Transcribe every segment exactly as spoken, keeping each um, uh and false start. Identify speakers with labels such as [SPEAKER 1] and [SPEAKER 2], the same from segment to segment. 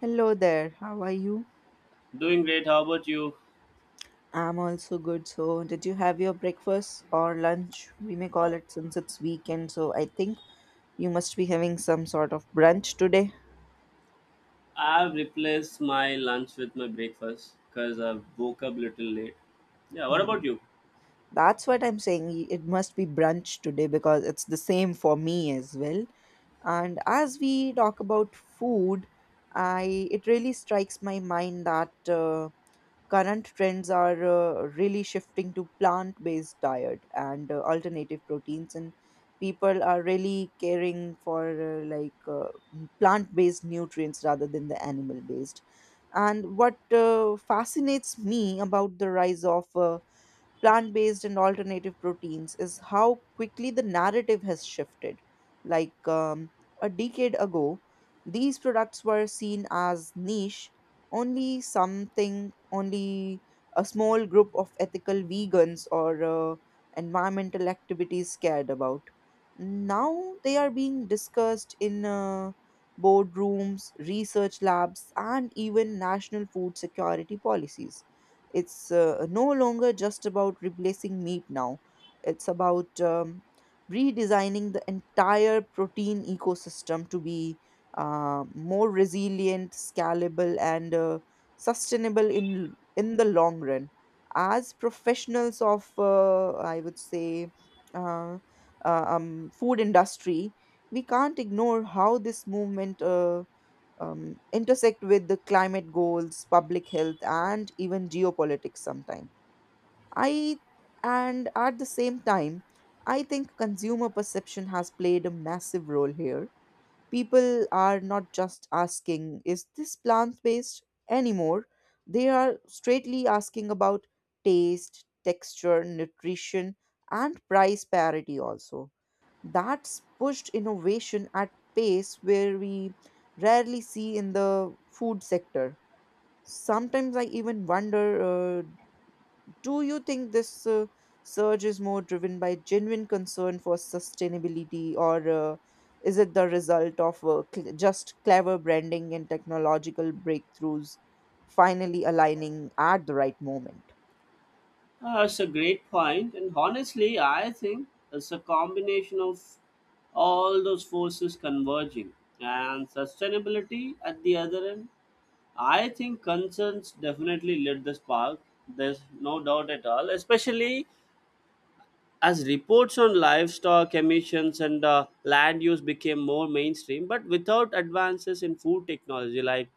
[SPEAKER 1] Hello there, how are you?
[SPEAKER 2] Doing great. How about you?
[SPEAKER 1] I'm also good. So, did you have your breakfast or lunch? We may call
[SPEAKER 2] Uh,
[SPEAKER 1] it since it's weekend, so I think you must be having some sort of brunch today.
[SPEAKER 2] I've replaced my lunch with my breakfast because I woke up little late. Yeah. What
[SPEAKER 1] Uh,
[SPEAKER 2] about you?
[SPEAKER 1] That's what I'm saying. y- It must be brunch today because it's the same for me as well. And as we talk about food, I it really strikes my mind that uh, current trends are uh, really shifting to plant-based diet and uh, alternative proteins, and people are really caring for uh, like uh, plant-based nutrients rather than the animal-based. And what uh, fascinates me about the rise of uh, plant based and alternative proteins is how quickly the narrative has shifted. Like um, a decade ago, these products were seen as niche, only something, only a small group of ethical vegans or uh, environmental activities cared about. Now they are being discussed in uh, boardrooms, research labs, and even national food security policies. It's uh, no longer just about replacing meat now, it's about um, redesigning the entire protein ecosystem to be uh, more resilient, scalable, and uh, sustainable in, in the long run. As professionals of, uh, I would say, uh, uh, um, food industry, we can't ignore how this movement uh, um, intersect with the climate goals, public health, and even geopolitics sometimes. I And at the same time, I think consumer perception has played a massive role here. People are not just asking, is this plant based anymore? They are straightly asking about taste, texture, nutrition, and price parity also. That's pushed innovation at pace where we rarely see in the food sector. Sometimes I even wonder, uh, do you think this uh, surge is more driven by genuine concern for sustainability, or uh, is it the result of uh, cl- just clever branding and technological breakthroughs finally aligning at the right moment?
[SPEAKER 2] Uh, that's a great point, and honestly, I think it's a combination of all those forces converging and sustainability at the other end. I think concerns definitely lit the spark. There's no doubt at all, especially as reports on livestock emissions and uh, land use became more mainstream, but without advances in food technology like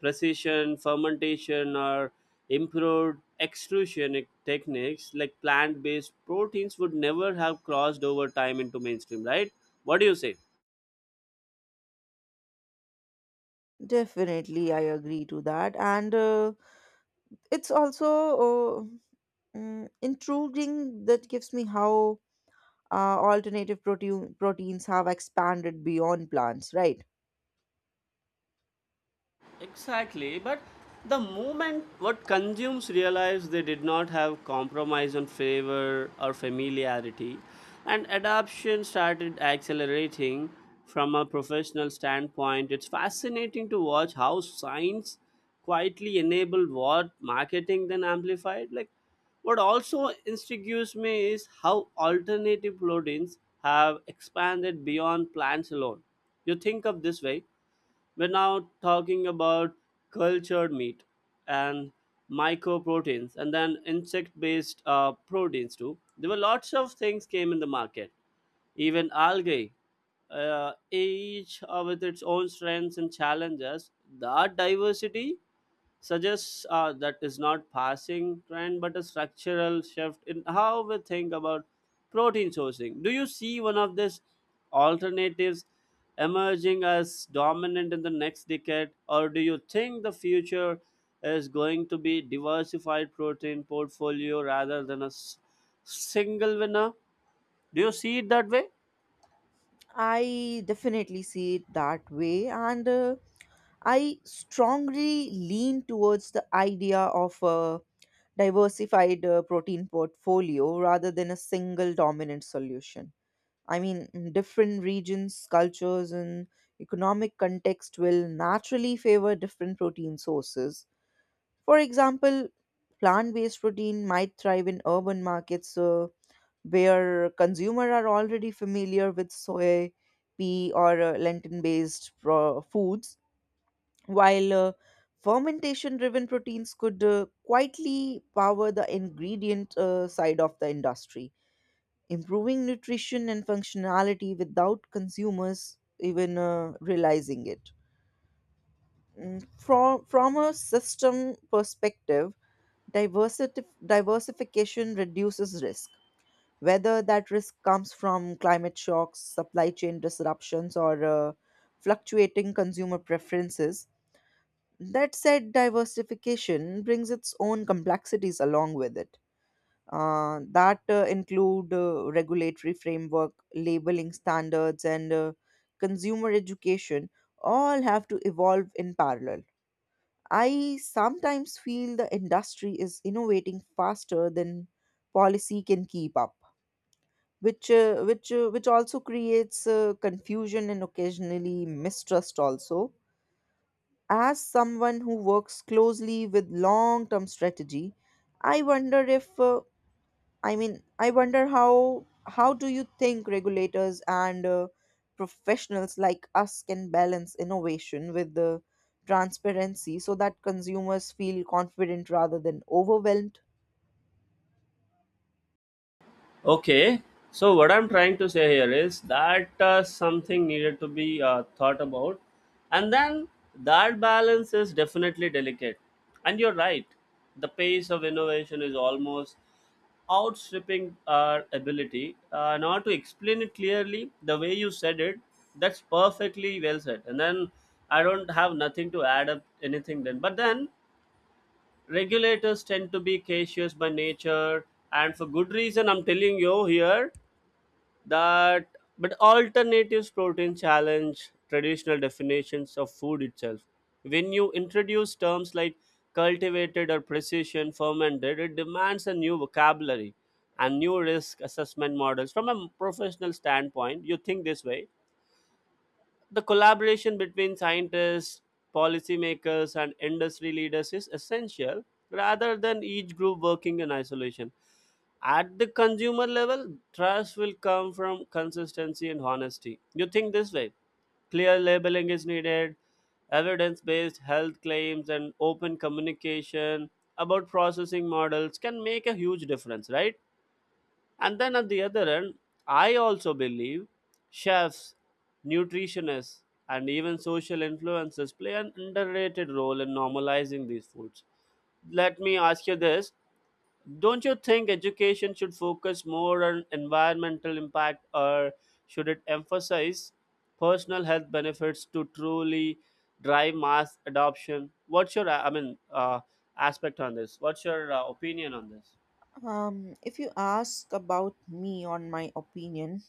[SPEAKER 2] precision fermentation or improved extrusion techniques like plant-based proteins would never have crossed over time into mainstream, right? What do you say?
[SPEAKER 1] Definitely, I agree to that. And uh, it's also uh, Mm, intriguing that gives me how uh, alternative protein proteins have expanded beyond plants, right?
[SPEAKER 2] Exactly, but the moment what consumes realize they did not have compromise on favor or familiarity, and adoption started accelerating from a professional standpoint. It's fascinating to watch how science quietly enabled what marketing then amplified. Like, what also instigates me is how alternative proteins have expanded beyond plants alone. You think of this way we're now talking about cultured meat and mycoproteins and then insect based uh, proteins too. There were lots of things came in the market, even algae, uh, each uh, with its own strengths and challenges. That diversity suggests uh, that is not passing trend but a structural shift in how we think about protein sourcing. Do you see one of these alternatives emerging as dominant in the next decade, or do you think the future is going to be diversified protein portfolio rather than a s- single winner? Do you see it that way?
[SPEAKER 1] I definitely see it that way, and uh, I strongly lean towards the idea of a diversified uh, protein portfolio rather than a single dominant solution. I mean, mm, different regions, cultures, and economic context will naturally favor different protein sources. For example, plant based protein might thrive in urban markets uh, where consumers are already familiar with soy, pea, or uh, lentil based pro- foods, while uh, fermentation driven proteins could uh, quietly power the ingredient uh, side of the industry, improving nutrition and functionality without consumers even uh, realizing it. Mm, From, from a system perspective, Diversity, diversification reduces risk, whether that risk comes from climate shocks, supply chain disruptions, or uh, fluctuating consumer preferences. That said, diversification brings its own complexities along with it. Uh, that uh, include uh, regulatory framework, labeling standards, and uh, consumer education all have to evolve in parallel. I sometimes feel the industry is innovating faster than policy can keep up, which uh, which uh, which also creates uh, confusion and occasionally mistrust also. As someone who works closely with long-term strategy, I wonder if uh, I mean, I wonder how how do you think regulators and uh, professionals like us can balance innovation with the transparency so that consumers feel confident rather than overwhelmed?
[SPEAKER 2] Okay, so what I'm trying to say here is that uh, something needed to be uh, thought about, and then that balance is definitely delicate. And you're right, the pace of innovation is almost outstripping our ability. Uh, now, to explain it clearly, the way you said it, that's perfectly well said. And then I don't have nothing to add up anything then. But then regulators tend to be cautious by nature, and for good reason. I'm telling you here that, but alternatives protein challenge traditional definitions of food itself. When you introduce terms like cultivated or precision fermented, it demands a new vocabulary and new risk assessment models. From a professional standpoint, you think this way: the collaboration between scientists, policymakers, and industry leaders is essential rather than each group working in isolation. At the consumer level, trust will come from consistency and honesty. You think this way clear labeling is needed, evidence based health claims, and open communication about processing models can make a huge difference, right? And then at the other end, I also believe chefs, nutritionists, and even social influencers play an underrated role in normalizing these foods. Let me ask you this. Don't you think education should focus more on environmental impact or should it emphasize personal health benefits to truly drive mass adoption? What's your, I mean, uh, aspect on this? What's your uh, opinion on this?
[SPEAKER 1] Um, if you ask about me on my opinion,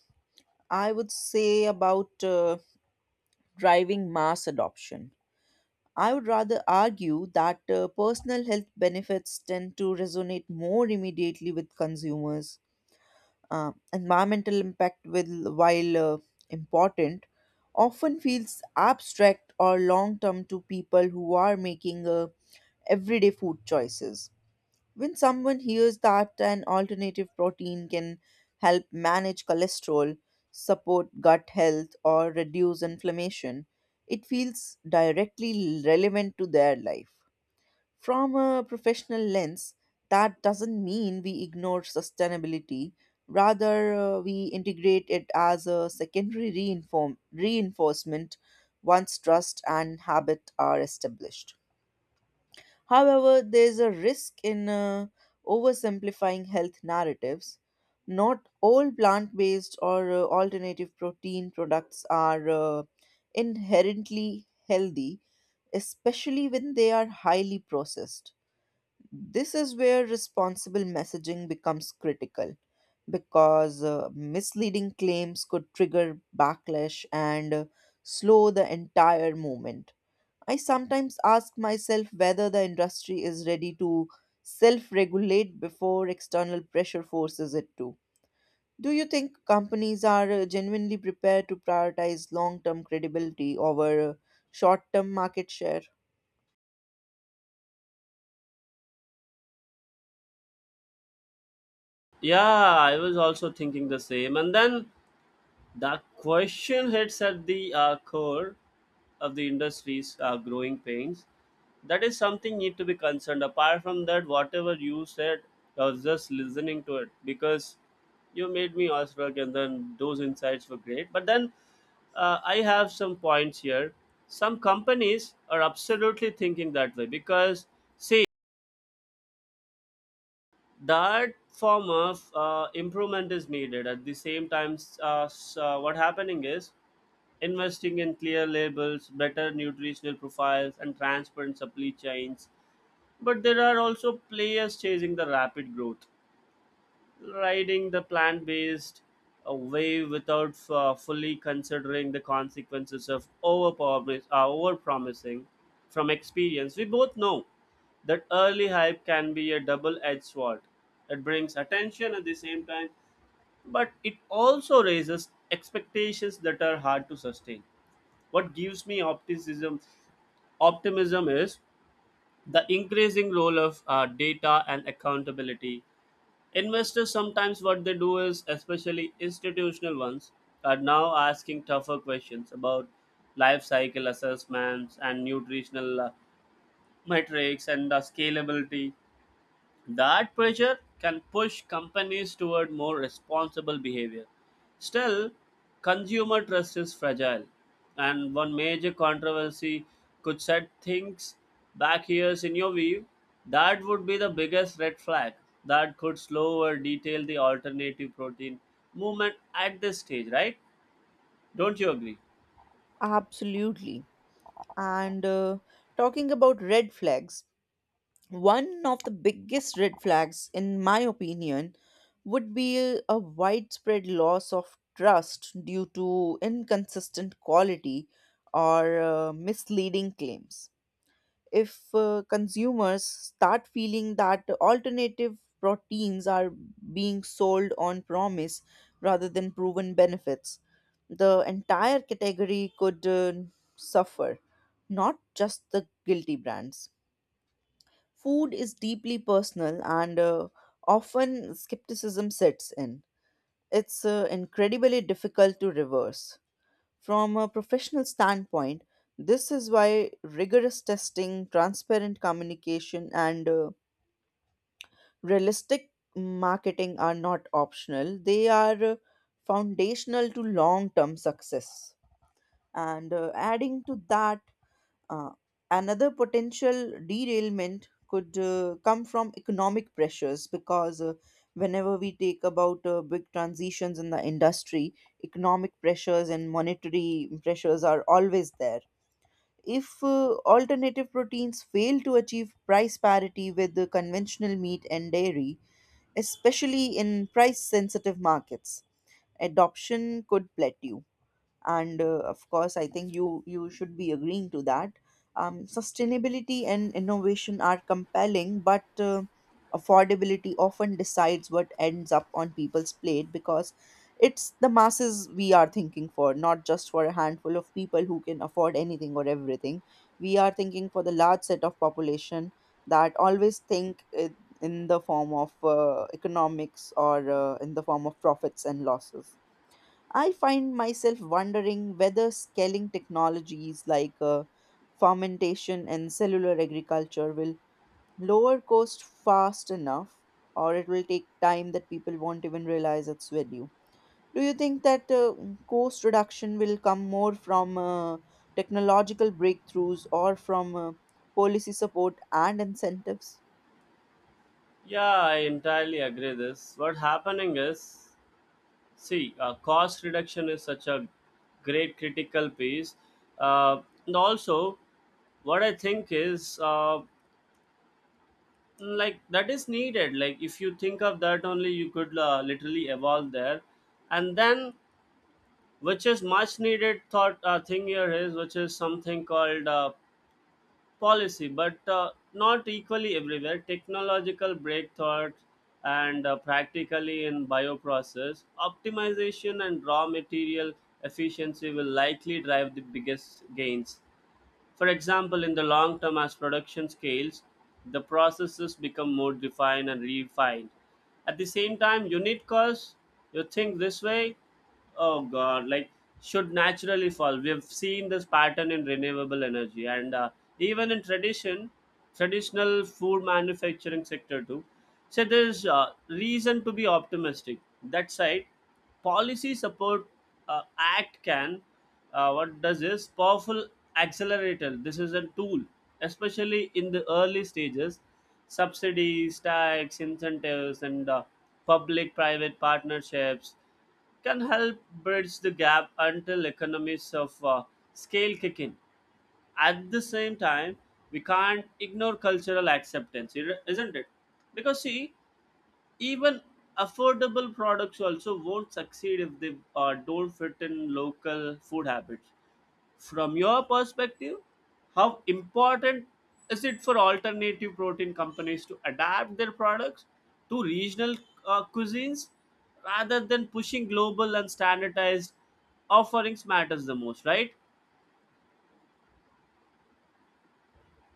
[SPEAKER 1] I would say about uh, driving mass adoption. I would rather argue that uh, personal health benefits tend to resonate more immediately with consumers. Uh, environmental impact will, while uh, important, often feels abstract or long term to people who are making uh, everyday food choices. When someone hears that an alternative protein can help manage cholesterol, support gut health, or reduce inflammation, it feels directly relevant to their life. From a professional lens, that doesn't mean we ignore sustainability. Rather, uh, we integrate it as a secondary reinform- reinforcement once trust and habit are established. However, there's a risk in uh, oversimplifying health narratives. Not all plant based or uh, alternative protein products are uh, inherently healthy, especially when they are highly processed. This is where responsible messaging becomes critical because uh, misleading claims could trigger backlash and uh, slow the entire movement. I sometimes ask myself whether the industry is ready to self regulate before external pressure forces it to. Do you think companies are uh, genuinely prepared to prioritize long term credibility over short term market share?
[SPEAKER 2] Yeah, I was also thinking the same. And then that question hits at the uh, core of the industry's uh, growing pains. That is something need to be concerned. Apart from that, whatever you said, I was just listening to it because you made me awestruck, and then those insights were great. But then uh, I have some points here. Some companies are absolutely thinking that way because, say, that form of uh, improvement is needed at the same time s- uh, s- uh, what happening is investing in clear labels, better nutritional profiles, and transparent supply chains, but there are also players chasing the rapid growth, riding the plant-based uh, wave without uh, fully considering the consequences of overpromis- uh, overpromising From experience, we both know that early hype can be a double-edged sword. It brings attention at the same time, but it also raises expectations that are hard to sustain. What gives me optimism, optimism is the increasing role of uh, data and accountability. Investors sometimes what they do is, especially institutional ones, are now asking tougher questions about life cycle assessments and nutritional uh, metrics and the scalability. That pressure can push companies toward more responsible behavior. Still, consumer trust is fragile, and one major controversy could set things back years in your view. That would be the biggest red flag that could slow or detail the alternative protein movement at this stage, right? Don't you agree?
[SPEAKER 1] Absolutely. And uh, talking about red flags, one of the biggest red flags, in my opinion, would be a widespread loss of trust due to inconsistent quality or uh, misleading claims. If uh, consumers start feeling that alternative proteins are being sold on promise rather than proven benefits, the entire category could uh, suffer, not just the guilty brands. Food is deeply personal, and uh, often skepticism sets in. It's uh, incredibly difficult to reverse. From a professional standpoint, this is why rigorous testing, transparent communication, and uh, realistic marketing are not optional. They are uh, foundational to long term success. And uh, adding to that, uh, another potential derailment could uh, come from economic pressures because uh, whenever we take about uh, big transitions in the industry, economic pressures and monetary pressures are always there. If uh, alternative proteins fail to achieve price parity with the conventional meat and dairy, especially in price sensitive markets, adoption could plateau. And uh, of course, I think you you should be agreeing to that. Um, sustainability and innovation are compelling, but uh, affordability often decides what ends up on people's plate, because it's the masses we are thinking for, not just for a handful of people who can afford anything or everything. We are thinking for the large set of population that always think it in the form of uh, economics or uh, in the form of profits and losses. I find myself wondering whether scaling technologies like uh, fermentation and cellular agriculture will lower cost fast enough or it will take time that people won't even realize its value. Do you think that uh, cost reduction will come more from uh, technological breakthroughs or from uh, policy support and incentives?
[SPEAKER 2] Yeah, I entirely agree this. What happening is, see, uh, cost reduction is such a great critical piece. Uh, and also, what I think is uh, like that is needed. Like if you think of that only, you could uh, literally evolve there. And then, which is much needed thought uh, thing here is which is something called uh, policy, but uh, not equally everywhere. Technological breakthroughs and uh, practically in bioprocess, optimization and raw material efficiency will likely drive the biggest gains. For example, in the long term, as production scales, the processes become more defined and refined. At the same time, unit costs, you think this way, oh god, like should naturally fall. We have seen this pattern in renewable energy and uh, even in tradition, traditional food manufacturing sector too. So there's uh, reason to be optimistic. That side, policy support uh, act can, uh, what does is powerful accelerator, this is a tool, especially in the early stages. Subsidies, tax incentives, and uh, public private partnerships can help bridge the gap until economies of uh, scale kick in. At the same time, we can't ignore cultural acceptance, ir- isn't it? Because see, even affordable products also won't succeed if they uh, don't fit in local food habits. From your perspective, how important is it for alternative protein companies to adapt their products to regional uh, cuisines rather than pushing global and standardized offerings matters the most, right?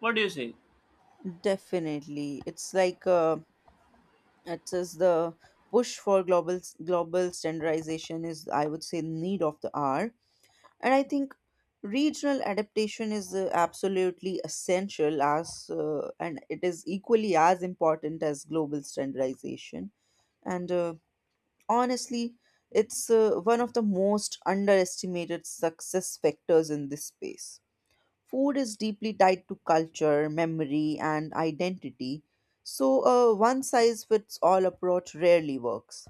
[SPEAKER 2] What do you say?
[SPEAKER 1] Definitely. It's like uh, it says the push for global global standardization is, I would say, need of the hour. And I think regional adaptation is uh, absolutely essential, as uh, and it is equally as important as global standardization. And uh, honestly, it's uh, one of the most underestimated success factors in this space. Food is deeply tied to culture, memory, and identity, so a one size fits all approach rarely works.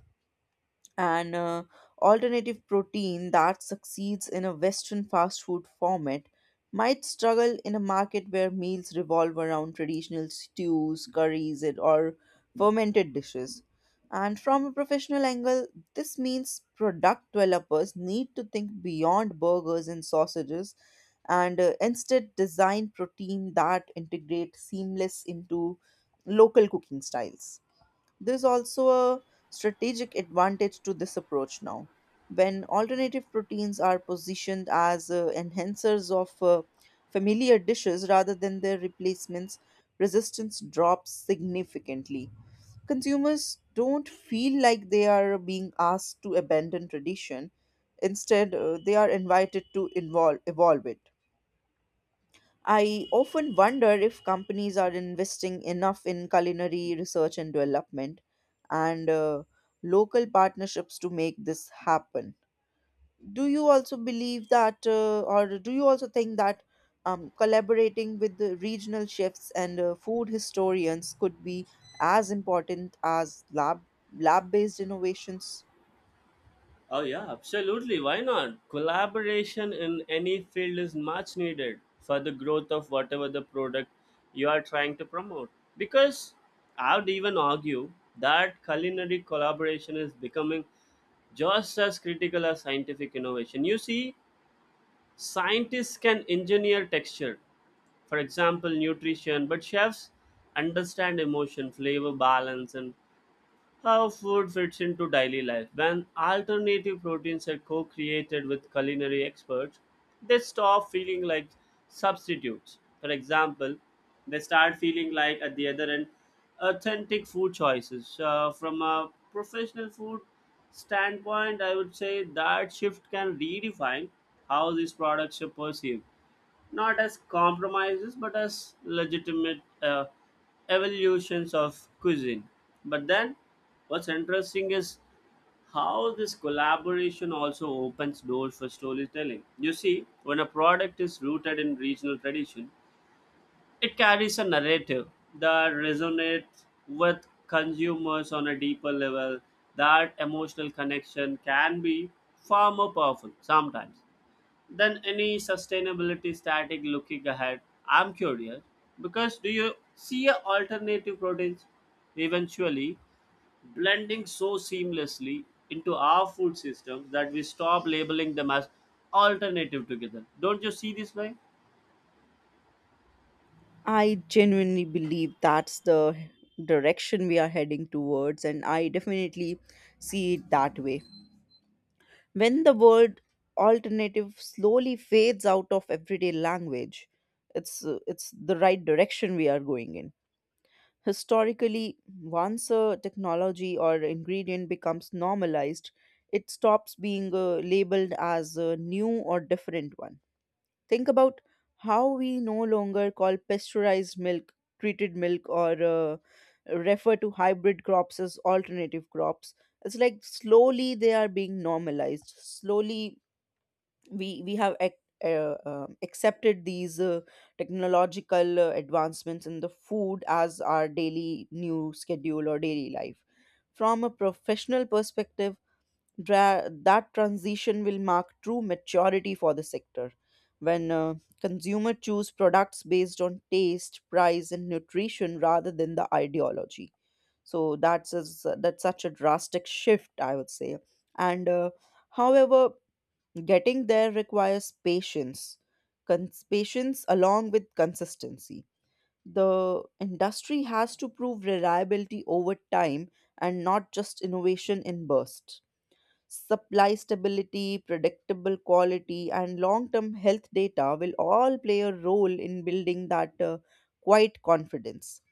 [SPEAKER 1] An uh, alternative protein that succeeds in a Western fast food format might struggle in a market where meals revolve around traditional stews, curries, and or fermented dishes. And from a professional angle, this means product developers need to think beyond burgers and sausages, and uh, instead design protein that integrate seamless into local cooking styles. There's also a strategic advantage to this approach now. When alternative proteins are positioned as uh, enhancers of uh, familiar dishes rather than their replacements, resistance drops significantly. Consumers don't feel like they are being asked to abandon tradition. Instead, uh, they are invited to involve, evolve it. I often wonder if companies are investing enough in culinary research and development and uh, local partnerships to make this happen. Do you also believe that, uh, or do you also think that um, collaborating with the regional chefs and uh, food historians could be as important as lab lab based innovations?
[SPEAKER 2] Oh yeah, absolutely. Why not? Collaboration in any field is much needed for the growth of whatever the product you are trying to promote. Because I would even argue that culinary collaboration is becoming just as critical as scientific innovation. You see, scientists can engineer texture, for example, nutrition, but chefs understand emotion, flavor balance, and how food fits into daily life. When alternative proteins are co created with culinary experts, they stop feeling like substitutes. For example, they start feeling like, at the other end, authentic food choices. Uh, from a professional food standpoint, I would say that shift can redefine how these products are perceived, not as compromises but as legitimate uh, evolutions of cuisine. But then what's interesting is how this collaboration also opens doors for storytelling. You see, when a product is rooted in regional tradition, it carries a narrative that resonates with consumers on a deeper level. That emotional connection can be far more powerful sometimes than any sustainability static. Looking ahead, I'm curious because do you see a alternative proteins eventually blending so seamlessly into our food systems that we stop labeling them as alternative together? Don't you see this way?
[SPEAKER 1] I genuinely believe that's the direction we are heading towards, and I definitely see it that way. When the word alternative slowly fades out of everyday language, it's, uh, it's the right direction we are going in. Historically, once a technology or ingredient becomes normalized, it stops being uh, labeled as a new or different one. Think about how we no longer call pasteurized milk treated milk or uh, refer to hybrid crops as alternative crops. It's like slowly they are being normalized. Slowly we we have ac- uh, um accepted these uh, technological uh, advancements in the food as our daily new schedule or daily life. From a professional perspective, dra- that transition will mark true maturity for the sector when uh, consumer choose products based on taste, price, and nutrition rather than the ideology. So that's a, that's such a drastic shift, I would say. And uh, however, getting there requires patience, cons- patience along with consistency. The industry has to prove reliability over time and not just innovation in bursts. Supply stability, predictable quality, and long term health data will all play a role in building that uh, quiet confidence.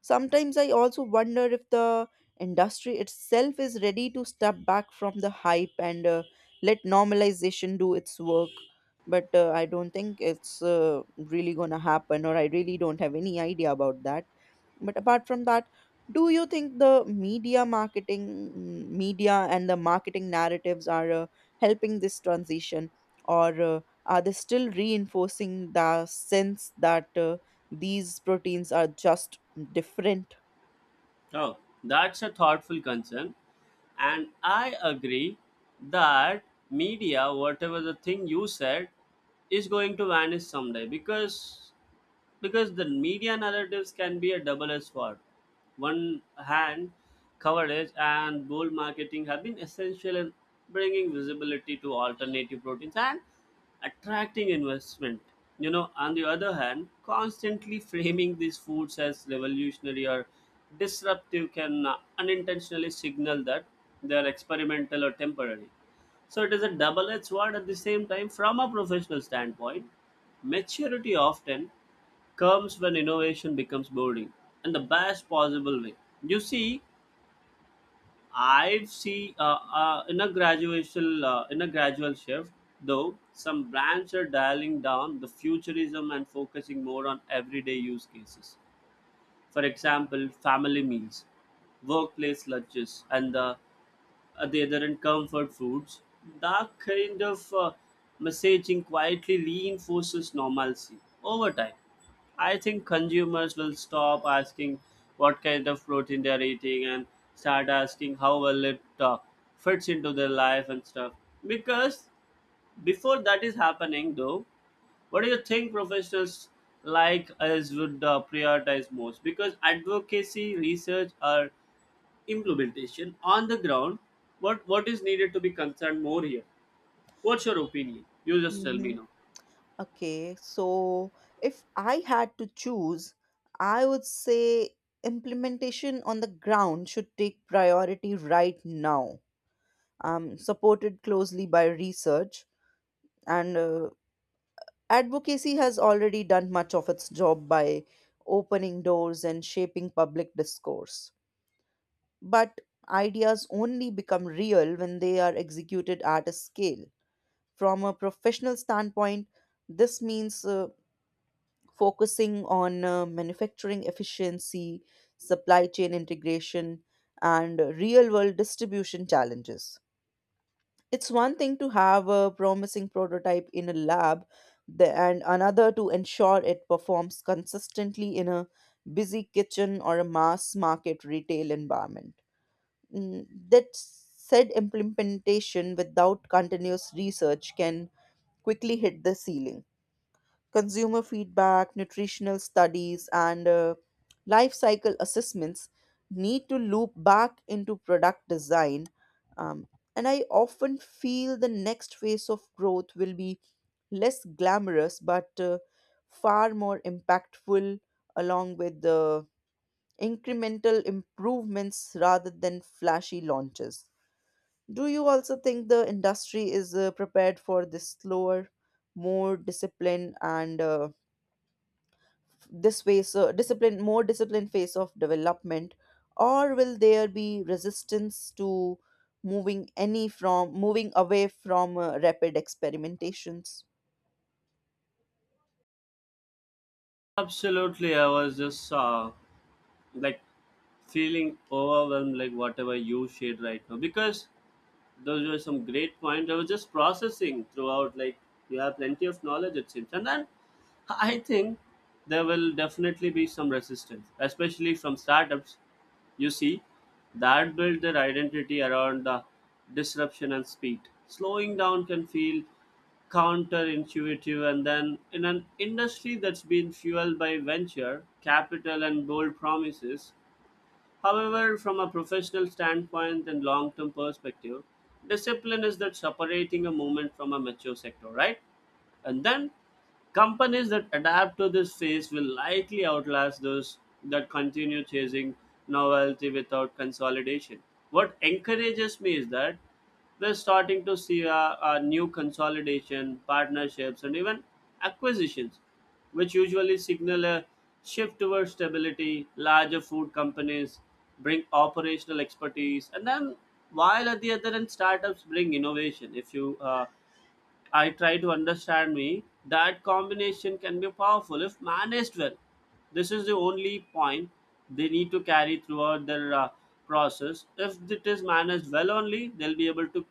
[SPEAKER 1] Sometimes I also wonder if the industry itself is ready to step back from the hype and uh, let normalization do its work. But uh, I don't think it's uh, really gonna happen, or I really don't have any idea about that but apart from that, do you think the media marketing, mm, media and the marketing narratives are uh, helping this transition, or uh, are they still reinforcing the sense that uh, these proteins are just different?
[SPEAKER 2] Oh, that's a thoughtful concern, and I agree that media whatever the thing you said is going to vanish someday, because because the media narratives can be a double-edged sword. One hand, coverage and bold marketing have been essential in bringing visibility to alternative proteins and attracting investment. You know, on the other hand, constantly framing these foods as revolutionary or disruptive can uh, unintentionally signal that they are experimental or temporary. So it is a double-edged sword at the same time from a professional standpoint. Maturity often comes when innovation becomes boring in the best possible way. You see, I've see uh, uh, in a graduational uh, in a gradual shift, though some brands are dialing down the futurism and focusing more on everyday use cases. For example, family meals, workplace lunches, and the at the other end comfort foods, that kind of uh, messaging quietly reinforces normalcy over time. I think consumers will stop asking what kind of protein they're eating and start asking how well it uh, fits into their life and stuff, because before that is happening though, what do you think professionals like us would uh, prioritize most? Because advocacy, research, or implementation on the ground, what what is needed to be concerned more here? What's your opinion? You just tell me
[SPEAKER 1] Mm-hmm.
[SPEAKER 2] now.
[SPEAKER 1] Okay, so if I had to choose, I would say implementation on the ground should take priority right now. Um, supported closely by research and uh, advocacy has already done much of its job by opening doors and shaping public discourse. But ideas only become real when they are executed at a scale. From a professional standpoint, this means uh, focusing on uh, manufacturing efficiency, supply chain integration, and real world distribution challenges. It's one thing to have a promising prototype in a lab the- and another to ensure it performs consistently in a busy kitchen or a mass market retail environment. Mm, That said, implementation without continuous research can quickly hit the ceiling consumer feedback, nutritional studies, and uh, life cycle assessments need to loop back into product design. Um, and I often feel the next phase of growth will be less glamorous but uh, far more impactful, along with the incremental improvements rather than flashy launches. Do you also think the industry is uh, prepared for this slower, more disciplined, and uh, this phase uh, discipline more disciplined phase of development or will there be resistance to moving any from moving away from uh, rapid experimentations?
[SPEAKER 2] Absolutely, I was just uh, like feeling overwhelmed like whatever you shared right now, because those were some great points. I was just processing throughout. Like you have plenty of knowledge, it seems, and then I think there will definitely be some resistance, especially from startups. You see, that build their identity around the disruption and speed. Slowing down can feel counterintuitive, and then in an industry that's been fueled by venture capital and bold promises. However, from a professional standpoint and long term perspective, discipline is that separating a movement from a mature sector, right? And then companies that adapt to this phase will likely outlast those that continue chasing novelty without consolidation. What encourages me is that we're starting to see a, a new consolidation, partnerships, and even acquisitions, which usually signal a shift towards stability. Larger food companies bring operational expertise, and then while at the other end, startups bring innovation. If you uh, I try to understand me. That combination can be powerful if managed well. This is the only point they need to carry throughout their uh, process. If it is managed well only, they'll be able to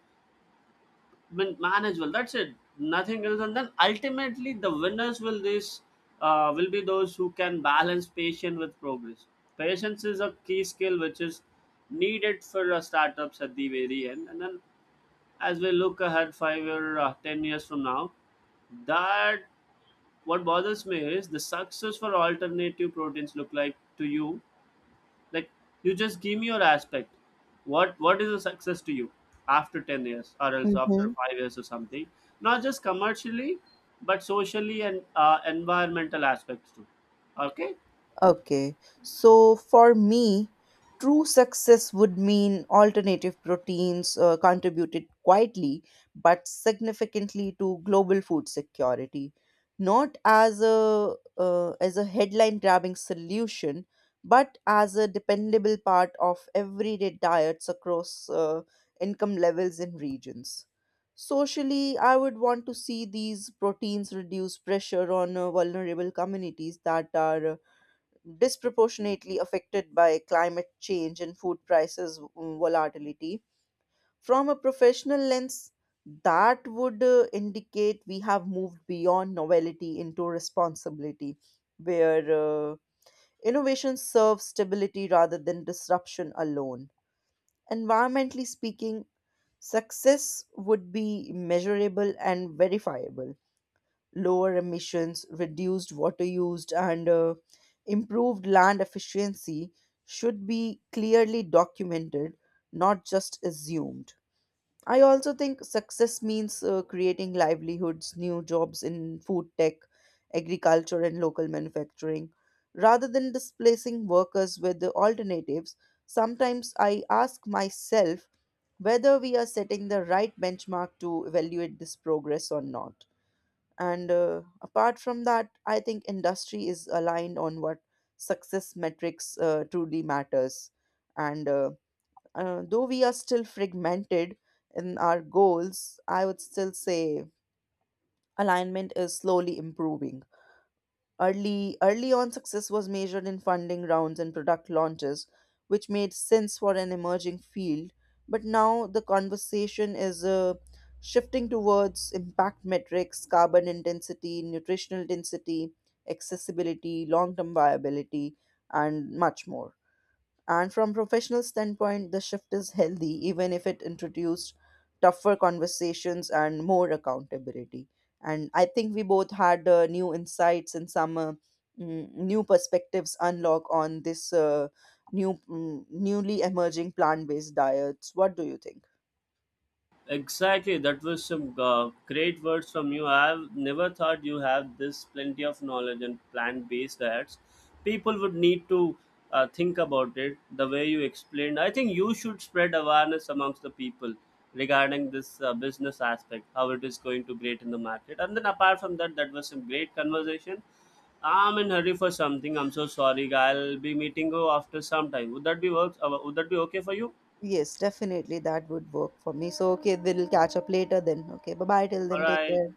[SPEAKER 2] man- manage well. That's it. Nothing else. And then ultimately, the winners will this uh, will be those who can balance patience with progress. Patience is a key skill which is needed for uh, startups at the very end. And then as we look ahead five or uh, ten years from now, that what bothers me is the success for alternative proteins look like to you. Like you just give me your aspect. What what is the success to you after ten years or else after
[SPEAKER 1] Mhm.
[SPEAKER 2] five years or something? Not just commercially, but socially and uh, environmental aspects too. Okay.
[SPEAKER 1] Okay, so for me, true success would mean alternative proteins uh, contributed quietly but significantly to global food security, not as a uh, as a headline grabbing solution, but as a dependable part of everyday diets across uh, income levels and regions. Socially, I would want to see these proteins reduce pressure on uh, vulnerable communities that are uh, disproportionately affected by climate change and food prices mm, volatility. From a professional lens, that would uh, indicate we have moved beyond novelty into responsibility, where uh, innovation serves stability rather than disruption alone. Environmentally speaking, success would be measurable and verifiable lower emissions, reduced water used, and uh, improved land efficiency should be clearly documented, not just assumed. I also think success means uh, creating livelihoods, new jobs in food tech, agriculture, and local manufacturing. Rather than displacing workers with the alternatives, sometimes I ask myself whether we are setting the right benchmark to evaluate this progress or not. And uh, apart from that, I think industry is aligned on what success metrics uh, truly matters. And uh, uh, Though we are still fragmented in our goals, I would still say alignment is slowly improving. Early, early on, success was measured in funding rounds and product launches, which made sense for an emerging field. But now the conversation is uh, shifting towards impact metrics, carbon intensity, nutritional density, accessibility, long term viability, and much more. And from professional standpoint, the shift is healthy, even if it introduced tougher conversations and more accountability. And I think we both had uh, new insights and some uh, mm, new perspectives unlock on this uh, new mm, newly emerging plant-based diets. What do you think?
[SPEAKER 2] Exactly, that was some uh, great words from you. I've never thought you have this plenty of knowledge on plant-based diets. People would need to uh, think about it the way you explained. I think you should spread awareness amongst the people regarding this uh, business aspect, how it is going to great in the market. And then apart from that, that was some great conversation. I'm in hurry for something. I'm so sorry. I'll be meeting you after some time. Would that be works? Uh, would that be okay for you?
[SPEAKER 1] Yes, definitely that would work for me. So okay, we'll catch up later then. Okay, bye bye till
[SPEAKER 2] All
[SPEAKER 1] then. Take
[SPEAKER 2] right.
[SPEAKER 1] care.